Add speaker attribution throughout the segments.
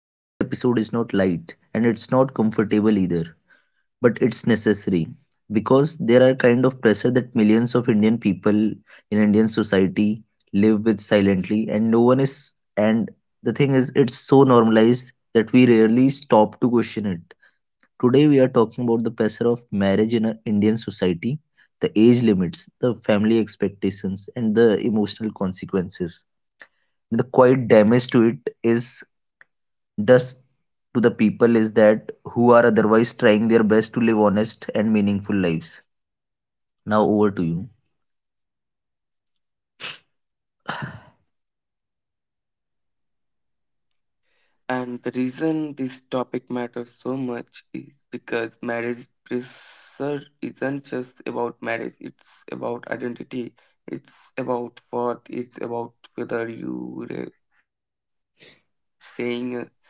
Speaker 1: Today's episode is not light and it's not comfortable either, but it's necessary because there are kind of pressure that millions of Indian people in Indian society live with silently and no one is and the thing is it's so normalized that we rarely stop to question it. Today we are talking about the pressure of marriage in our Indian society, the age limits, the family expectations and the emotional consequences the quite damage to it is thus to the people is that who are otherwise trying their best to live honest and meaningful lives. Now over to you.
Speaker 2: And the reason this topic matters so much is because marriage pressure isn't just about marriage, it's about identity, it's about worth, it's about whether you are saying as successful,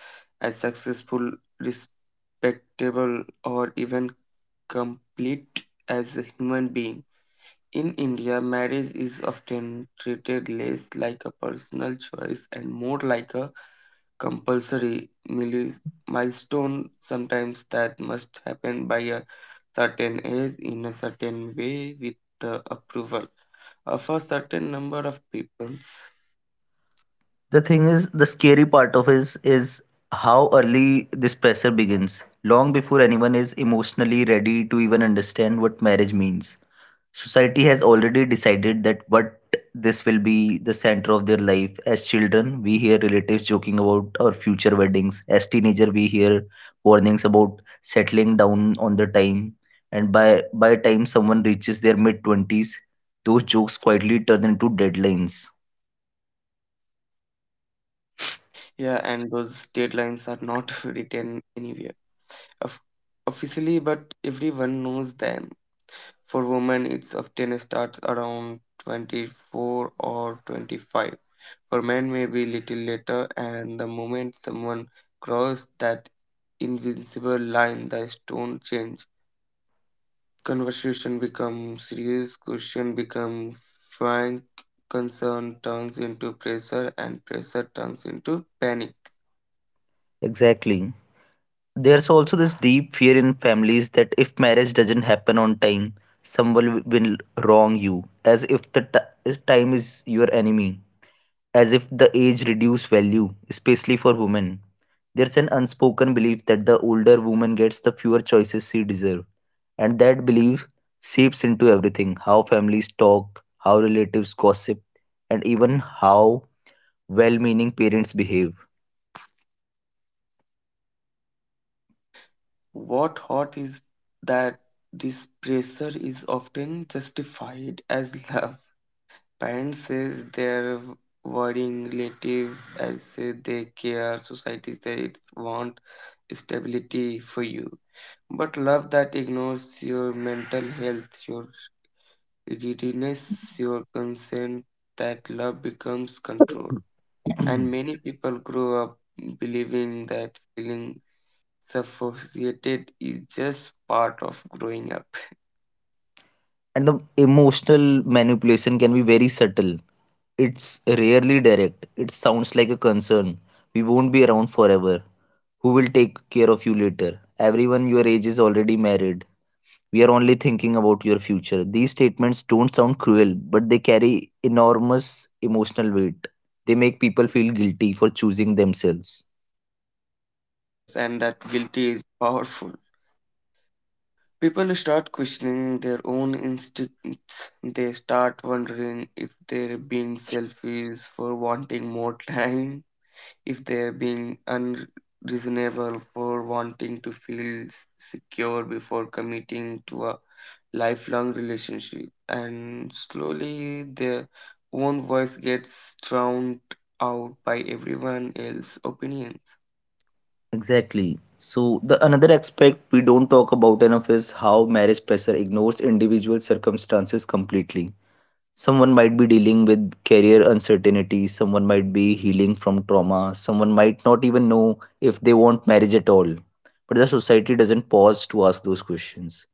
Speaker 2: respectable, or even complete as a human being. In India, marriage is often treated less like a personal choice and more like a compulsory milestone sometimes that must happen by a certain age in a certain way with the approval of a certain number of people.
Speaker 1: The thing is, the scary part of is how early this pressure begins, long before anyone is emotionally ready to even understand what marriage means. Society has already decided that what this will be the center of their life. As children, we hear relatives joking about our future weddings. As teenager, we hear warnings about settling down on the time. And by time someone reaches their mid twenties, those jokes quietly turn into deadlines.
Speaker 2: Yeah, and those deadlines are not written anywhere of officially, but everyone knows them. For women, it's often starts around 24 or 25. For men, maybe little later, and the moment someone crosses that Invincible line, the stone change, conversation become serious, question become frank, concern turns into pressure and pressure turns into panic.
Speaker 1: Exactly. There's also this deep fear in families that if marriage doesn't happen on time, someone will wrong you, as if the time is your enemy. As if the age reduce value, especially for women. There's an unspoken belief that the older woman gets the fewer choices she deserves, and that belief seeps into everything how families talk, how relatives gossip, and even how well meaning parents behave.
Speaker 2: What hot is that this pressure is often justified as love. Parents says they're worrying, relative as say they care, society says it want stability for you, but love that ignores your mental health, your, it denies your consent, that love becomes control. And
Speaker 1: And
Speaker 2: many people grow up believing that feeling suffocated is just part of growing up.
Speaker 1: the emotional manipulation can be very subtle. It's rarely direct. It sounds like a concern. We won't be around forever. Who will take care of you later? Everyone your age is already married. We are only thinking about your future. These statements don't sound cruel, but they carry enormous emotional weight. They make people feel guilty for choosing themselves.
Speaker 2: Yes, and that guilty is powerful. People start questioning their own instincts. They start wondering if they're being selfish for wanting more time, if they've been unreasonable for wanting to feel secure before committing to a lifelong relationship, and slowly their own voice gets drowned out by everyone else's opinions.
Speaker 1: Exactly. So the another aspect we don't talk about enough is how marriage pressure ignores individual circumstances completely. Someone might be dealing with career uncertainty, someone might be healing from trauma, someone might not even know if they want marriage at all. But the society doesn't pause to ask those questions.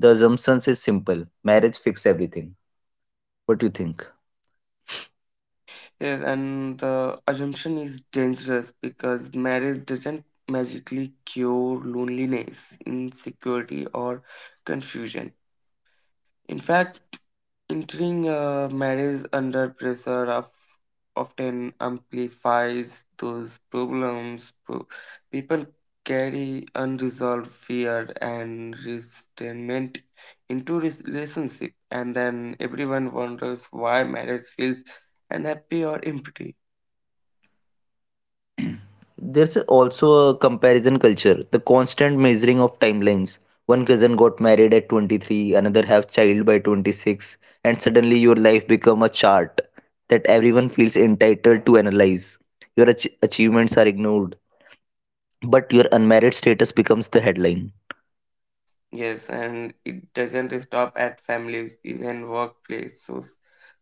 Speaker 1: The assumption is simple marriage fixes everything. What do you think?
Speaker 2: Yes, and the assumption is dangerous because marriage doesn't magically cure loneliness, insecurity or confusion. In fact, entering a marriage under pressure of, often amplifies those problems. People carry unresolved fear and resentment into relationship, and then everyone wonders why marriage feels unhappy or empty.
Speaker 1: There's also a comparison culture, the constant measuring of timelines. One cousin got married at 23, another have child by 26, and suddenly your life become a chart that everyone feels entitled to analyze. Your achievements are ignored, but your unmarried status becomes the headline.
Speaker 2: Yes, and it doesn't stop at families, even workplace, so,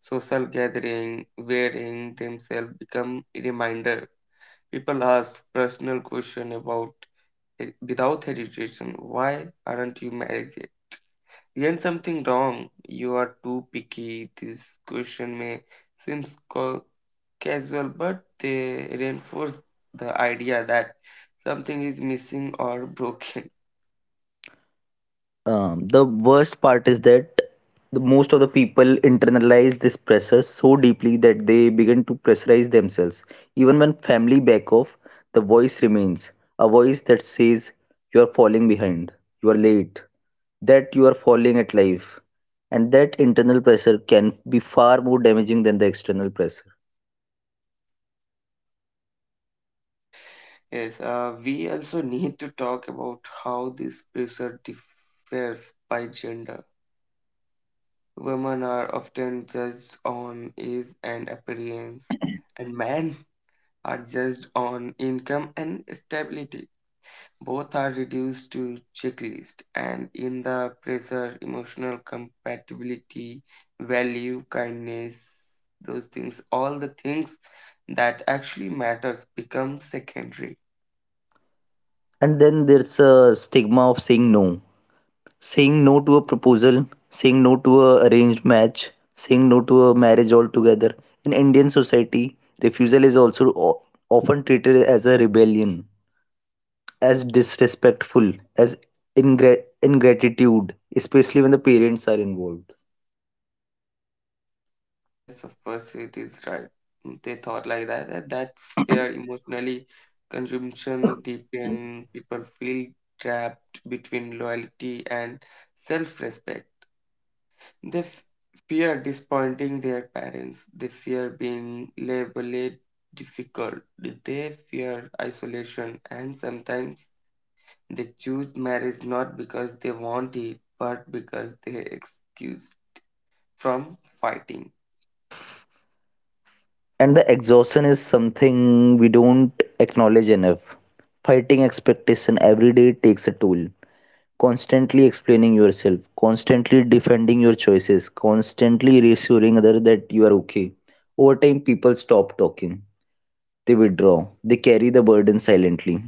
Speaker 2: social gathering, wearing themselves become a reminder. People ask personal question about without hesitation, why aren't you married yet? Isn't something wrong? You are too picky. This question may seem ca- casual, but they reinforce the idea that something is missing or broken.
Speaker 1: The worst part is that the most of the people internalize this pressure so deeply that they begin to pressurize themselves. Even when family back off, the voice remains a voice that says you are falling behind, you are late, that you are falling at life. And that internal pressure can be far more damaging than the external pressure.
Speaker 2: Yes, we also need to talk about how this pressure differs by gender. Women are often judged on age and appearance, and men are judged on income and stability. Both are reduced to checklist, and in the pressure, emotional compatibility, value, kindness, those things, all the things that actually matters become secondary.
Speaker 1: And then there's a stigma of saying no. Saying no to a proposal, saying no to a arranged match, saying no to a marriage altogether. In Indian society, refusal is also often treated as a rebellion, as disrespectful, as ingratitude, especially when the parents are involved.
Speaker 2: Yes, of course, it is right. They thought like that, that that's fair. Emotionally consumption deepen. People feel trapped between loyalty and self-respect. They fear disappointing their parents. They fear being labeled difficult. They fear isolation. And sometimes they choose marriage not because they want it, but because they excuse from fighting.
Speaker 1: And the exhaustion is something we don't acknowledge enough. Fighting expectation every day takes a toll. Constantly explaining yourself, constantly defending your choices, constantly reassuring others that you are okay. Over time, people stop talking. They withdraw. They carry the burden silently.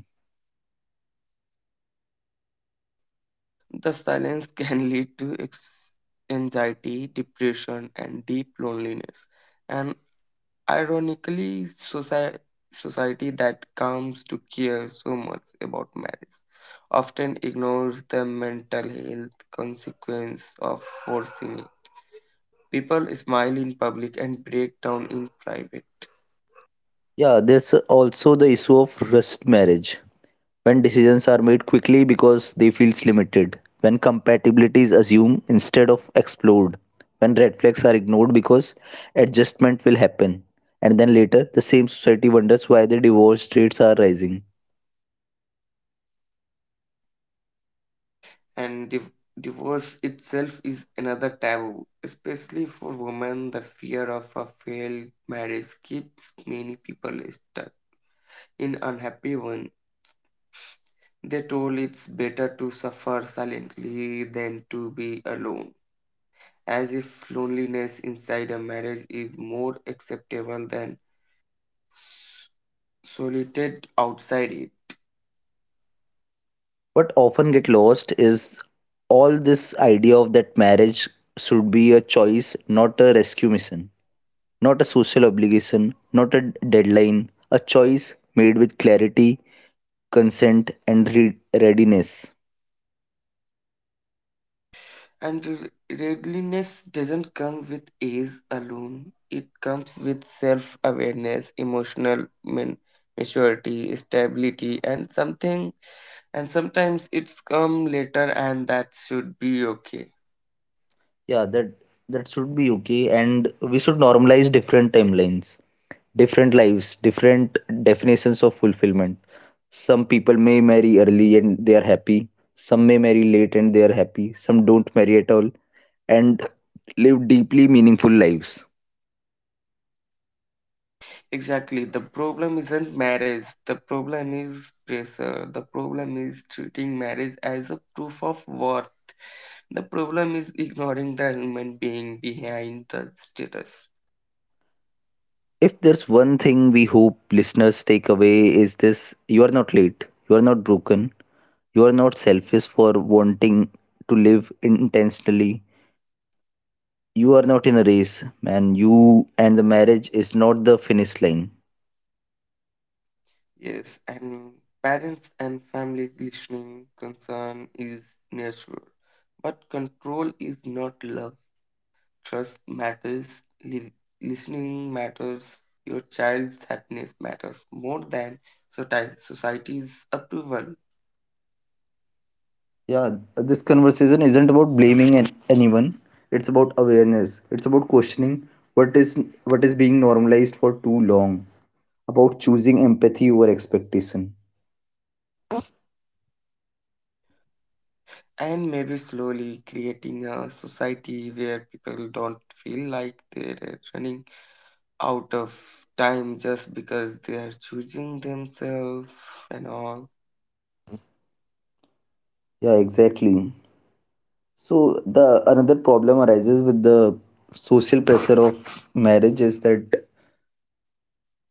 Speaker 2: The silence can lead to anxiety, depression, and deep loneliness. And ironically, society that comes to care so much about marriage often ignores the mental health consequence of forcing it. People smile in public and break down in private,
Speaker 1: Yeah, there's also the issue of rushed marriage. When decisions are made quickly because they feel limited. When compatibility is assumed instead of explored. When red flags are ignored because adjustment will happen. And then later, the same society wonders why the divorce rates are rising.
Speaker 2: and divorce itself is another taboo, especially for women. The fear of a failed marriage keeps many people stuck in unhappy one. They told it's better to suffer silently than to be alone, as if loneliness inside a marriage is more acceptable than solitude outside it.
Speaker 1: What often get lost is all this idea of that marriage should be a choice, not a rescue mission, not a social obligation, not a deadline, a choice made with clarity, consent, and readiness.
Speaker 2: And readiness doesn't come with age alone, it comes with self awareness, emotional maturity, stability, and something. And sometimes it's come later, and that should be okay.
Speaker 1: Yeah, that should be okay, and we should normalize different timelines. Different lives, different definitions of fulfillment. Some people may marry early and they are happy, some may marry late and they are happy, some don't marry at all and live deeply meaningful lives.
Speaker 2: Exactly, the problem isn't marriage, the problem is pressure, the problem is treating marriage as a proof of worth. The problem is ignoring the human being behind the status.
Speaker 1: If there's one thing we hope listeners take away is this you are not late, you are not broken, you are not selfish for wanting to live intentionally. You are not in a race, man. You and the marriage is not the finish line.
Speaker 2: Yes, and parents and families listening, concern is natural, but control is not love. Trust matters, li- listening matters, your child's happiness matters more than society's approval.
Speaker 1: Yeah, this conversation isn't about blaming anyone. It's about awareness. It's about questioning what is what is being normalized for too long. About choosing empathy over expectation.
Speaker 2: And maybe slowly creating a society where people don't feel like they're running out of time just because they are choosing themselves and all.
Speaker 1: Yeah, exactly. So the another problem arises with the social pressure of marriage is that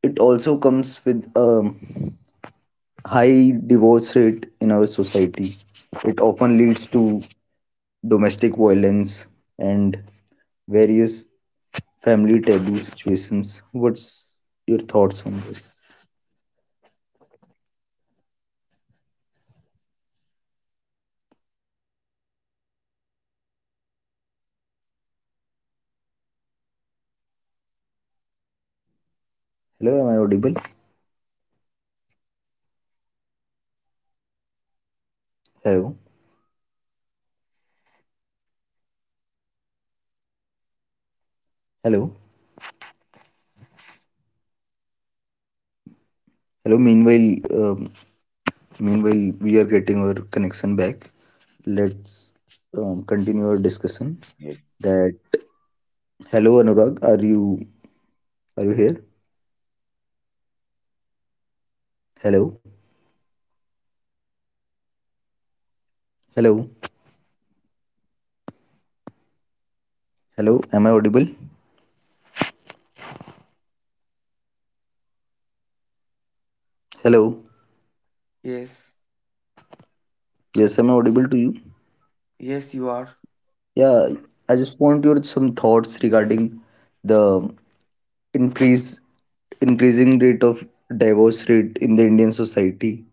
Speaker 1: it also comes with a high divorce rate in our society. It often leads to domestic violence and various family taboo situations. What's your thoughts on this? Hello, am I audible? Hello, hello, hello. Meanwhile, um, meanwhile we are getting our connection back. Let's continue our discussion.
Speaker 2: Yes.
Speaker 1: That hello, Anurag, are you here? Hello, hello, hello. Am I audible? Hello.
Speaker 2: Yes,
Speaker 1: Yes, am I audible to you?
Speaker 2: yes, you are.
Speaker 1: Yeah, I just want your some thoughts regarding the increase increasing rate of divorce rate in the Indian society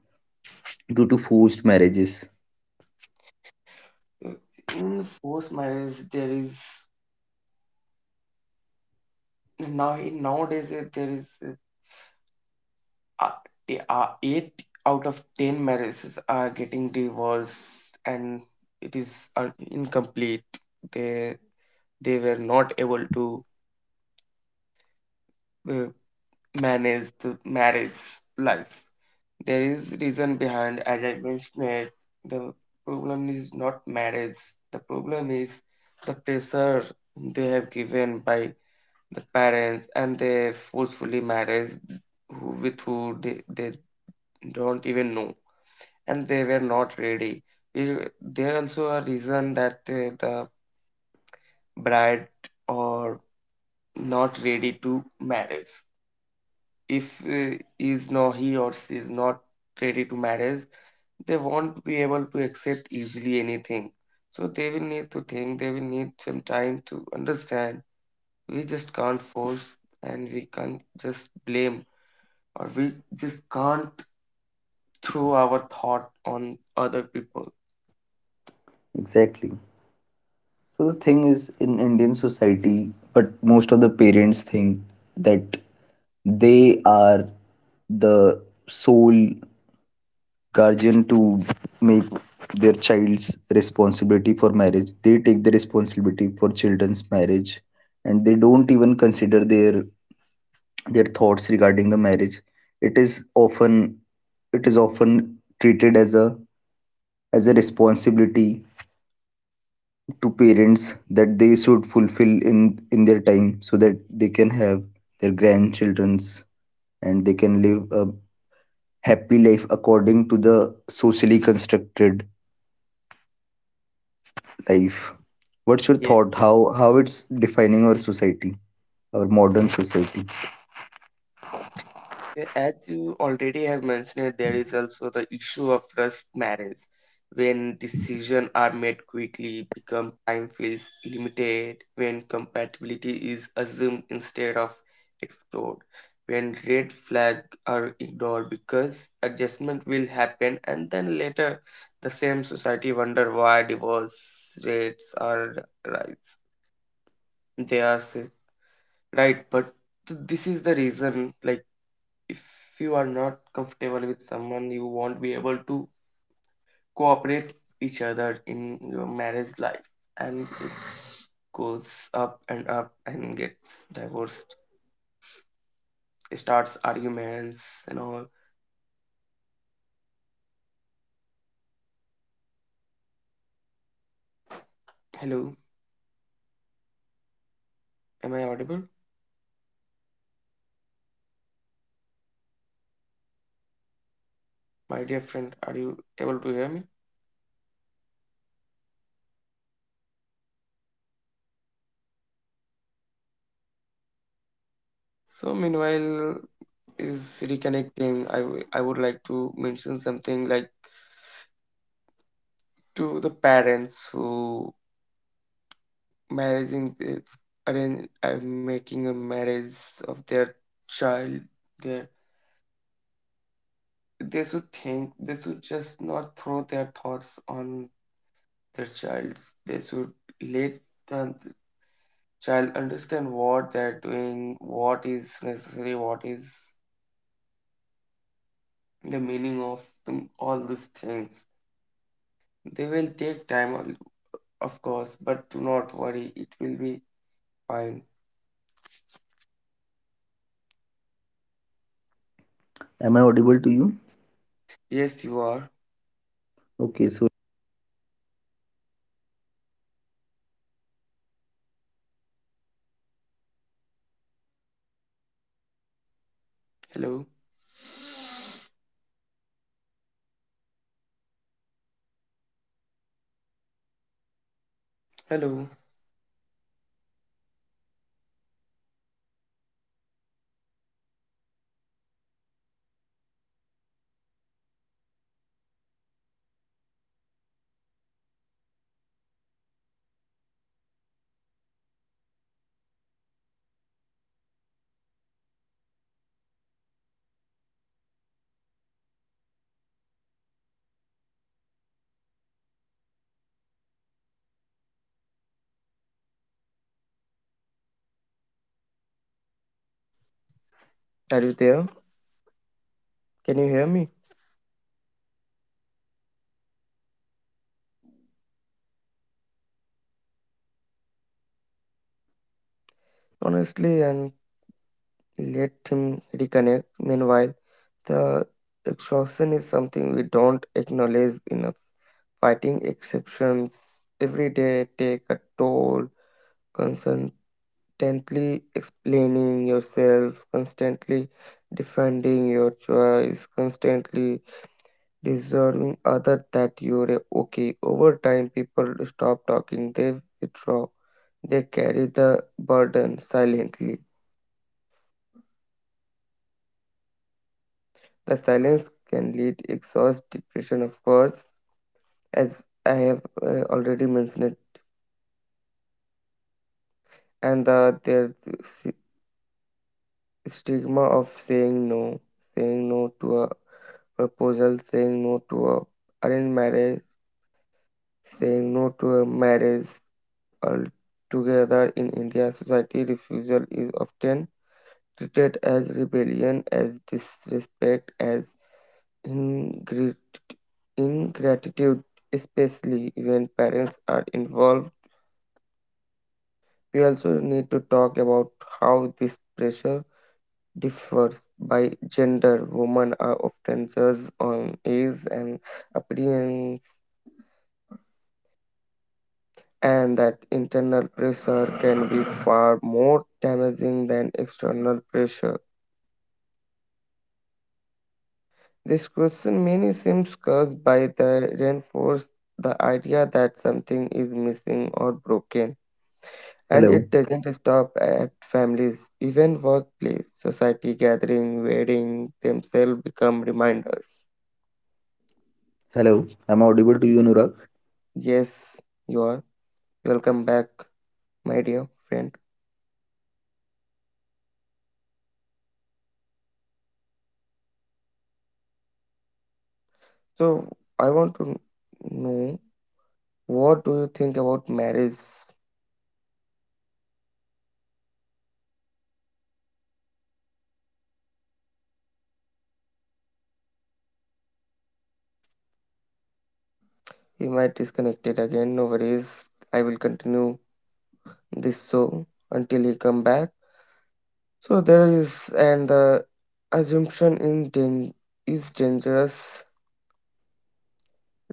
Speaker 1: due to forced marriages.
Speaker 2: Uh, In forced marriage, there is nowadays uh, eight out of ten marriages are getting divorced, and it is incomplete. They they were not able to uh, manage the marriage life. There is reason behind, as I mentioned, the problem is not marriage. The problem is the pressure they have given by the parents and they forcefully marriage who, with who they don't even know, and they were not ready. There also a reason that the bride or not ready to marriage. If is no, he or she is not ready to marriage, they won't be able to accept easily anything. So they will need to think, they will need some time to understand. We just can't force and we can't just blame, or we just can't throw our thought on other people.
Speaker 1: Exactly. So the thing is in Indian society, but most of the parents think that they are the sole guardian to make their child's responsibility for marriage. They take the responsibility for children's marriage and they don't even consider their thoughts regarding the marriage. It is often it is often treated as a responsibility to parents that they should fulfill in their time so that they can have their grandchildren's and they can live a happy life according to the socially constructed life. What's your thought how it's defining our society our modern society?
Speaker 2: Yeah, as you already have mentioned, there is also the issue of rushed marriage. When decisions are made quickly, become time feels limited, when compatibility is assumed instead of explored, when red flags are ignored because adjustment will happen, and then later the same society wonder why divorce rates are rise. They are say, right, but this is the reason, like if you are not comfortable with someone, you won't be able to cooperate each other in your marriage life, and it goes up and up and gets divorced, starts arguments and all. Hello, am I audible? My dear friend, are you able to hear me? So meanwhile is reconnecting, I would like to mention something like to the parents who marrying arrange making a marriage of their child. Their, they should think, they should just not throw their thoughts on their child. They should let the child understand what they're doing, what is necessary, what is the meaning of them, all these things. They will take time of course, but do not worry, it will be fine.
Speaker 1: Am I audible to you?
Speaker 2: Yes, you are.
Speaker 1: Okay so
Speaker 2: Hello, hello, are you there? Can you hear me? Honestly, and let him reconnect. Meanwhile, the exhaustion is something we don't acknowledge enough. Fighting exceptions every day take a toll, constantly explaining yourself, constantly defending your choice, constantly deserving other that you're okay. Over time, people stop talking, they withdraw, they carry the burden silently. The silence can lead exhaust, depression, of course, as I have already mentioned, it, and the there s- stigma of saying no to a proposal, saying no to a arranged marriage, saying no to a marriage altogether in India society. Refusal is often treated as rebellion, as disrespect, as ingri- ingratitude, especially when parents are involved. We also need to talk about how this pressure differs by gender. Women are often judged on age and appearance, and that internal pressure can be far more damaging than external pressure. This question mainly seems caused by the reinforce the idea that something is missing or broken. And
Speaker 1: hello
Speaker 2: it doesn't stop at families, even workplace, society gathering, wedding themselves become reminders.
Speaker 1: hello am I audible to you Anurag?
Speaker 2: Yes, you are, welcome back, my dear friend. So I want to know, what do you think about marriage? He might disconnect it again. No worries. I will continue this show until he come back. So there is, and the assumption in is dangerous,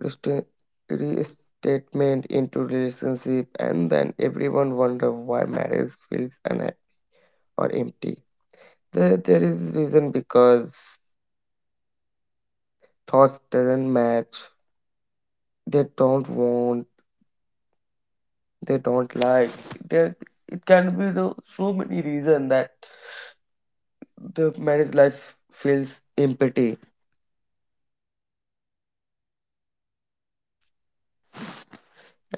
Speaker 2: resta- restatement into relationship, and then everyone wonder why marriage feels unhappy or empty. There is reason because thoughts doesn't match, they don't want, they don't like. There, it can be the so many reason that the marriage life feels empty.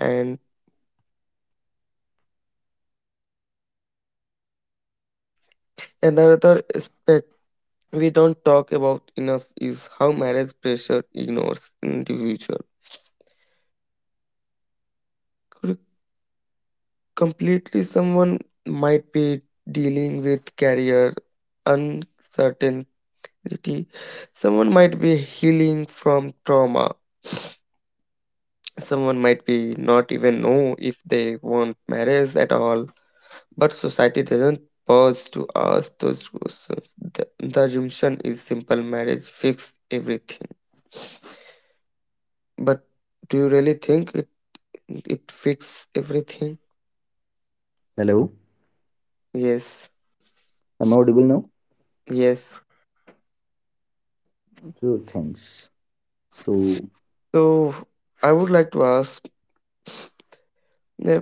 Speaker 2: And another aspect we don't talk about enough is how marriage pressure ignores individual completely. Someone might be dealing with career uncertainty, someone might be healing from trauma, someone might be not even know if they want marriage at all, but society doesn't pause to ask those questions. The assumption is simple, marriage fix everything. But do you really think it fix everything?
Speaker 1: Hello.
Speaker 2: Yes.
Speaker 1: I'm audible now?
Speaker 2: Yes,
Speaker 1: Sure, thanks. So,
Speaker 2: so I would like to ask, uh,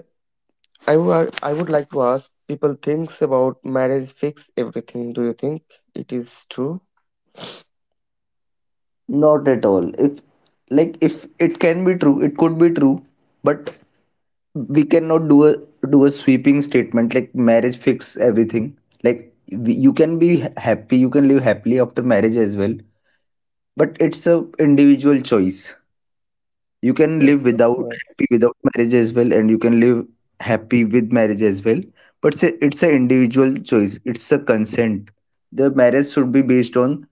Speaker 2: I would like to ask people thinks about marriage fix everything. Do you think it is true?
Speaker 1: not at all. If, like, if it can be true, it could be true, but we cannot do a sweeping statement like marriage fix everything. Like, we- you can be happy, you can live happily after marriage as well, but it's a individual choice. You can live
Speaker 2: Yes, of
Speaker 1: without
Speaker 2: course.
Speaker 1: happy without marriage as well, and you can live happy with marriage as well. But it's a individual choice. It's a consent the marriage should be based on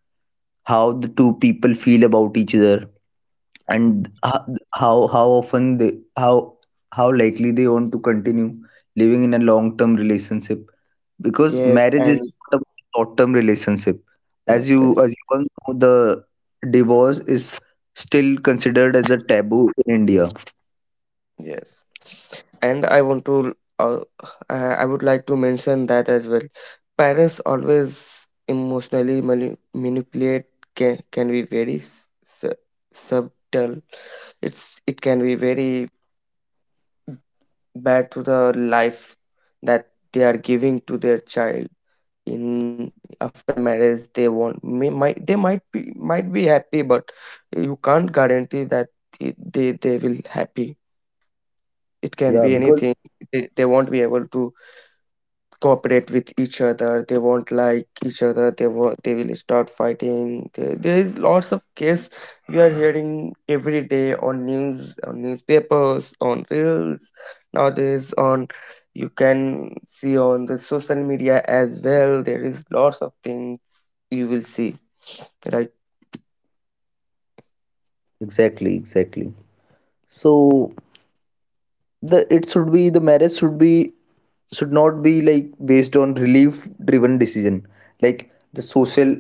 Speaker 1: how the two people feel about each other and how often they how how likely they want to continue living in a long term relationship because
Speaker 2: Yes,
Speaker 1: marriage is
Speaker 2: and
Speaker 1: not about a short term relationship.
Speaker 2: yeah,
Speaker 1: As you
Speaker 2: correct.
Speaker 1: as you all know the divorce is still considered as a taboo in India.
Speaker 2: Yes, and I want to I would like to mention that as well. Parents always emotionally manipulate can be very su- subtle. It can be very bad to the life that they are giving to their child. In after marriage, they want may, might they might be happy, but you can't guarantee that they will happy. It can be
Speaker 1: Yeah,
Speaker 2: anything.
Speaker 1: because
Speaker 2: They won't be able to cooperate with each other, they won't like each other, they will start fighting. There is lots of case we are hearing every day on news, on newspapers, on reels nowadays. On, you can see on the social media as well, there is lots of things you will see, right?
Speaker 1: exactly exactly so the it should be the marriage should be should not be like based on relief driven decision like the social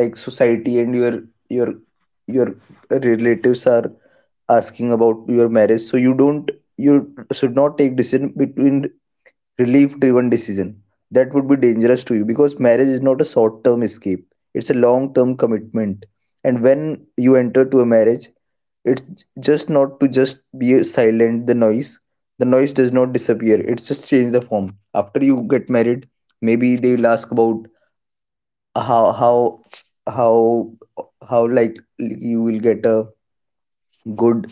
Speaker 1: like society and your your relatives are asking about your marriage so you don't you should not take decision between relief driven decision that would be dangerous to you because marriage is not a short term escape. It's a long term commitment and when you enter to a marriage it's just not to just be silent the noise. The noise does not disappear it's just change the form after you get married. Maybe they will ask about how how how how like you will get a good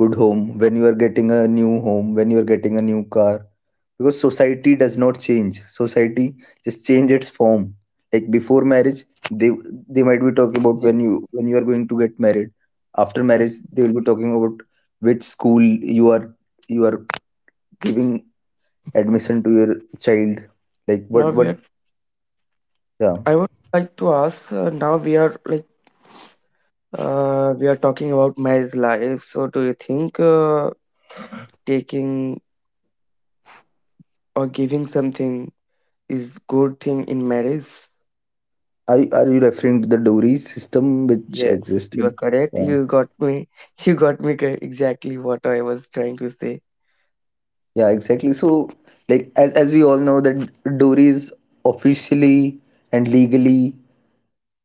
Speaker 1: good home when you are getting a new home when you are getting a new car because society does not change society just change its form. Like before marriage they they might be talking about
Speaker 2: Yes.
Speaker 1: when you are going to get married, after marriage they will be talking about which school you are giving admission to your child like
Speaker 2: Now we
Speaker 1: what
Speaker 2: are,
Speaker 1: yeah.
Speaker 2: I would like to ask now we are like we are talking about marriage life, so do you think taking or giving something is good thing in marriage.
Speaker 1: Are you referring to the dowry system which
Speaker 2: Yes, you
Speaker 1: existed?
Speaker 2: are correct.
Speaker 1: Yeah.
Speaker 2: You got me. You got me cor- Exactly what I was trying to say.
Speaker 1: Yeah, exactly. So, like as we all know that dowry is officially and legally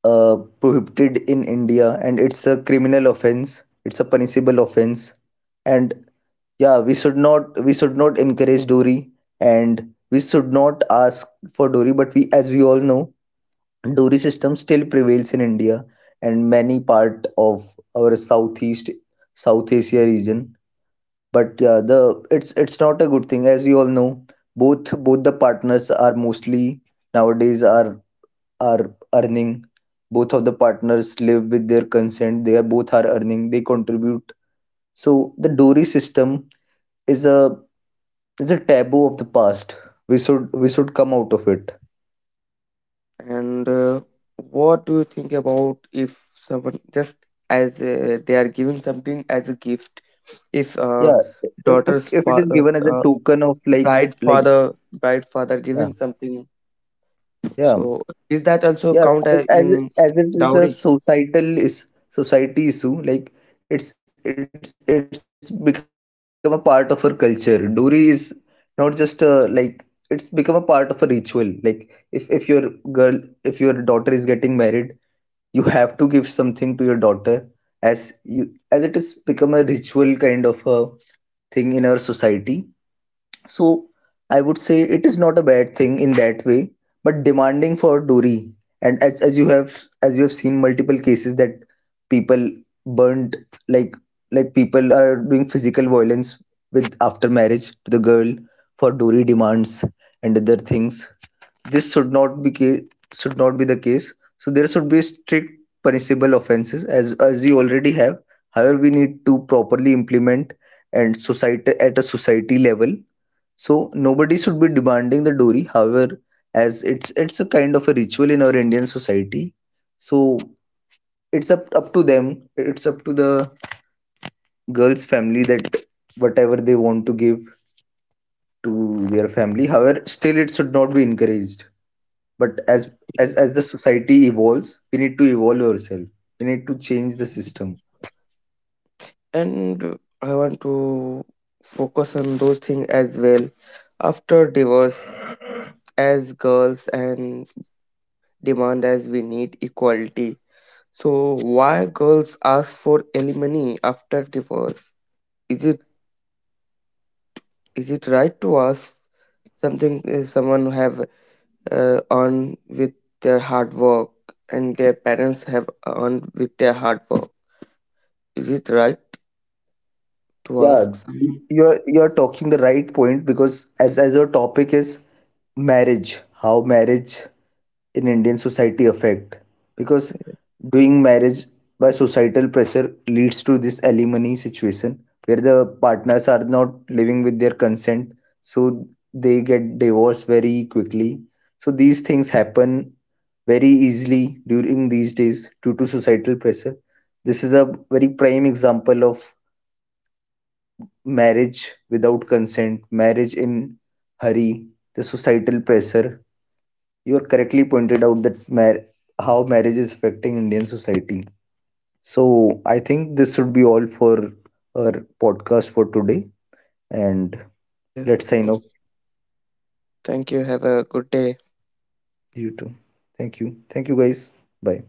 Speaker 1: uh, prohibited in India, and it's a criminal offense. It's a punishable offense, and yeah, we should not encourage dowry, and we should not ask for dowry. But we, as we all know, dowry system still prevails in India and many part of our Southeast South Asia region. But yeah, the it's not a good thing as we all know. Both the partners are mostly nowadays are earning. Both of the partners live with their consent. They are both are earning. They contribute. So the dowry system is a is a taboo of the past. We should come out of it.
Speaker 2: And what do you think about if someone just as they are giving something as a gift? If
Speaker 1: Yeah, if if
Speaker 2: daughter's
Speaker 1: if it is
Speaker 2: father,
Speaker 1: given as a token of
Speaker 2: bride
Speaker 1: like
Speaker 2: father, bride father
Speaker 1: yeah
Speaker 2: giving something,
Speaker 1: yeah.
Speaker 2: so is that also
Speaker 1: Yeah,
Speaker 2: count
Speaker 1: as as it,
Speaker 2: in
Speaker 1: as it is a
Speaker 2: dowry?
Speaker 1: societal is society issue, like it's become a part of our culture. Dori is not just a like it's become a part of a ritual. Like if your girl, if your daughter is getting married, you have to give something to your daughter as you as it is become a ritual kind of a thing in our society. So I would say it is not a bad thing in that way, but demanding for Dori. And as you have as you have seen multiple cases that people burned like like people are doing physical violence with after marriage to the girl for Dori demands and other things this should not be should not be the case. So there should be strict punishable offenses as we already have. However, we need to properly implement and society at a society level. So nobody should be demanding the dowry. However, as it's a kind of a ritual in our Indian society. So it's up to them. It's up to the girl's family that whatever they want to give to their family. However, still it should not be encouraged. But as the society evolves, we need to evolve ourselves. We need to change the system.
Speaker 2: And I want to focus on those things as well. After divorce, as girls and demand, as we need equality. So why girls ask for alimony after divorce? Is it, is it right to ask something someone have earned with their hard work, and their parents have earned with their hard work? Is it right to
Speaker 1: Yeah,
Speaker 2: ask someone?
Speaker 1: you're talking the right point because as our topic is marriage, how marriage in Indian society affect? Because doing marriage by societal pressure leads to this alimony situation where the partners are not living with their consent, so they get divorced very quickly. So these things happen very easily during these days due to societal pressure. This is a very prime example of marriage without consent, marriage in hurry, the societal pressure you are correctly pointed out that how marriage is affecting Indian society. So I think this should be all for our podcast for today, and
Speaker 2: Yes,
Speaker 1: let's
Speaker 2: of
Speaker 1: sign
Speaker 2: course.
Speaker 1: off.
Speaker 2: Thank you. Have a good day.
Speaker 1: You too. Thank you. Thank you guys. Bye.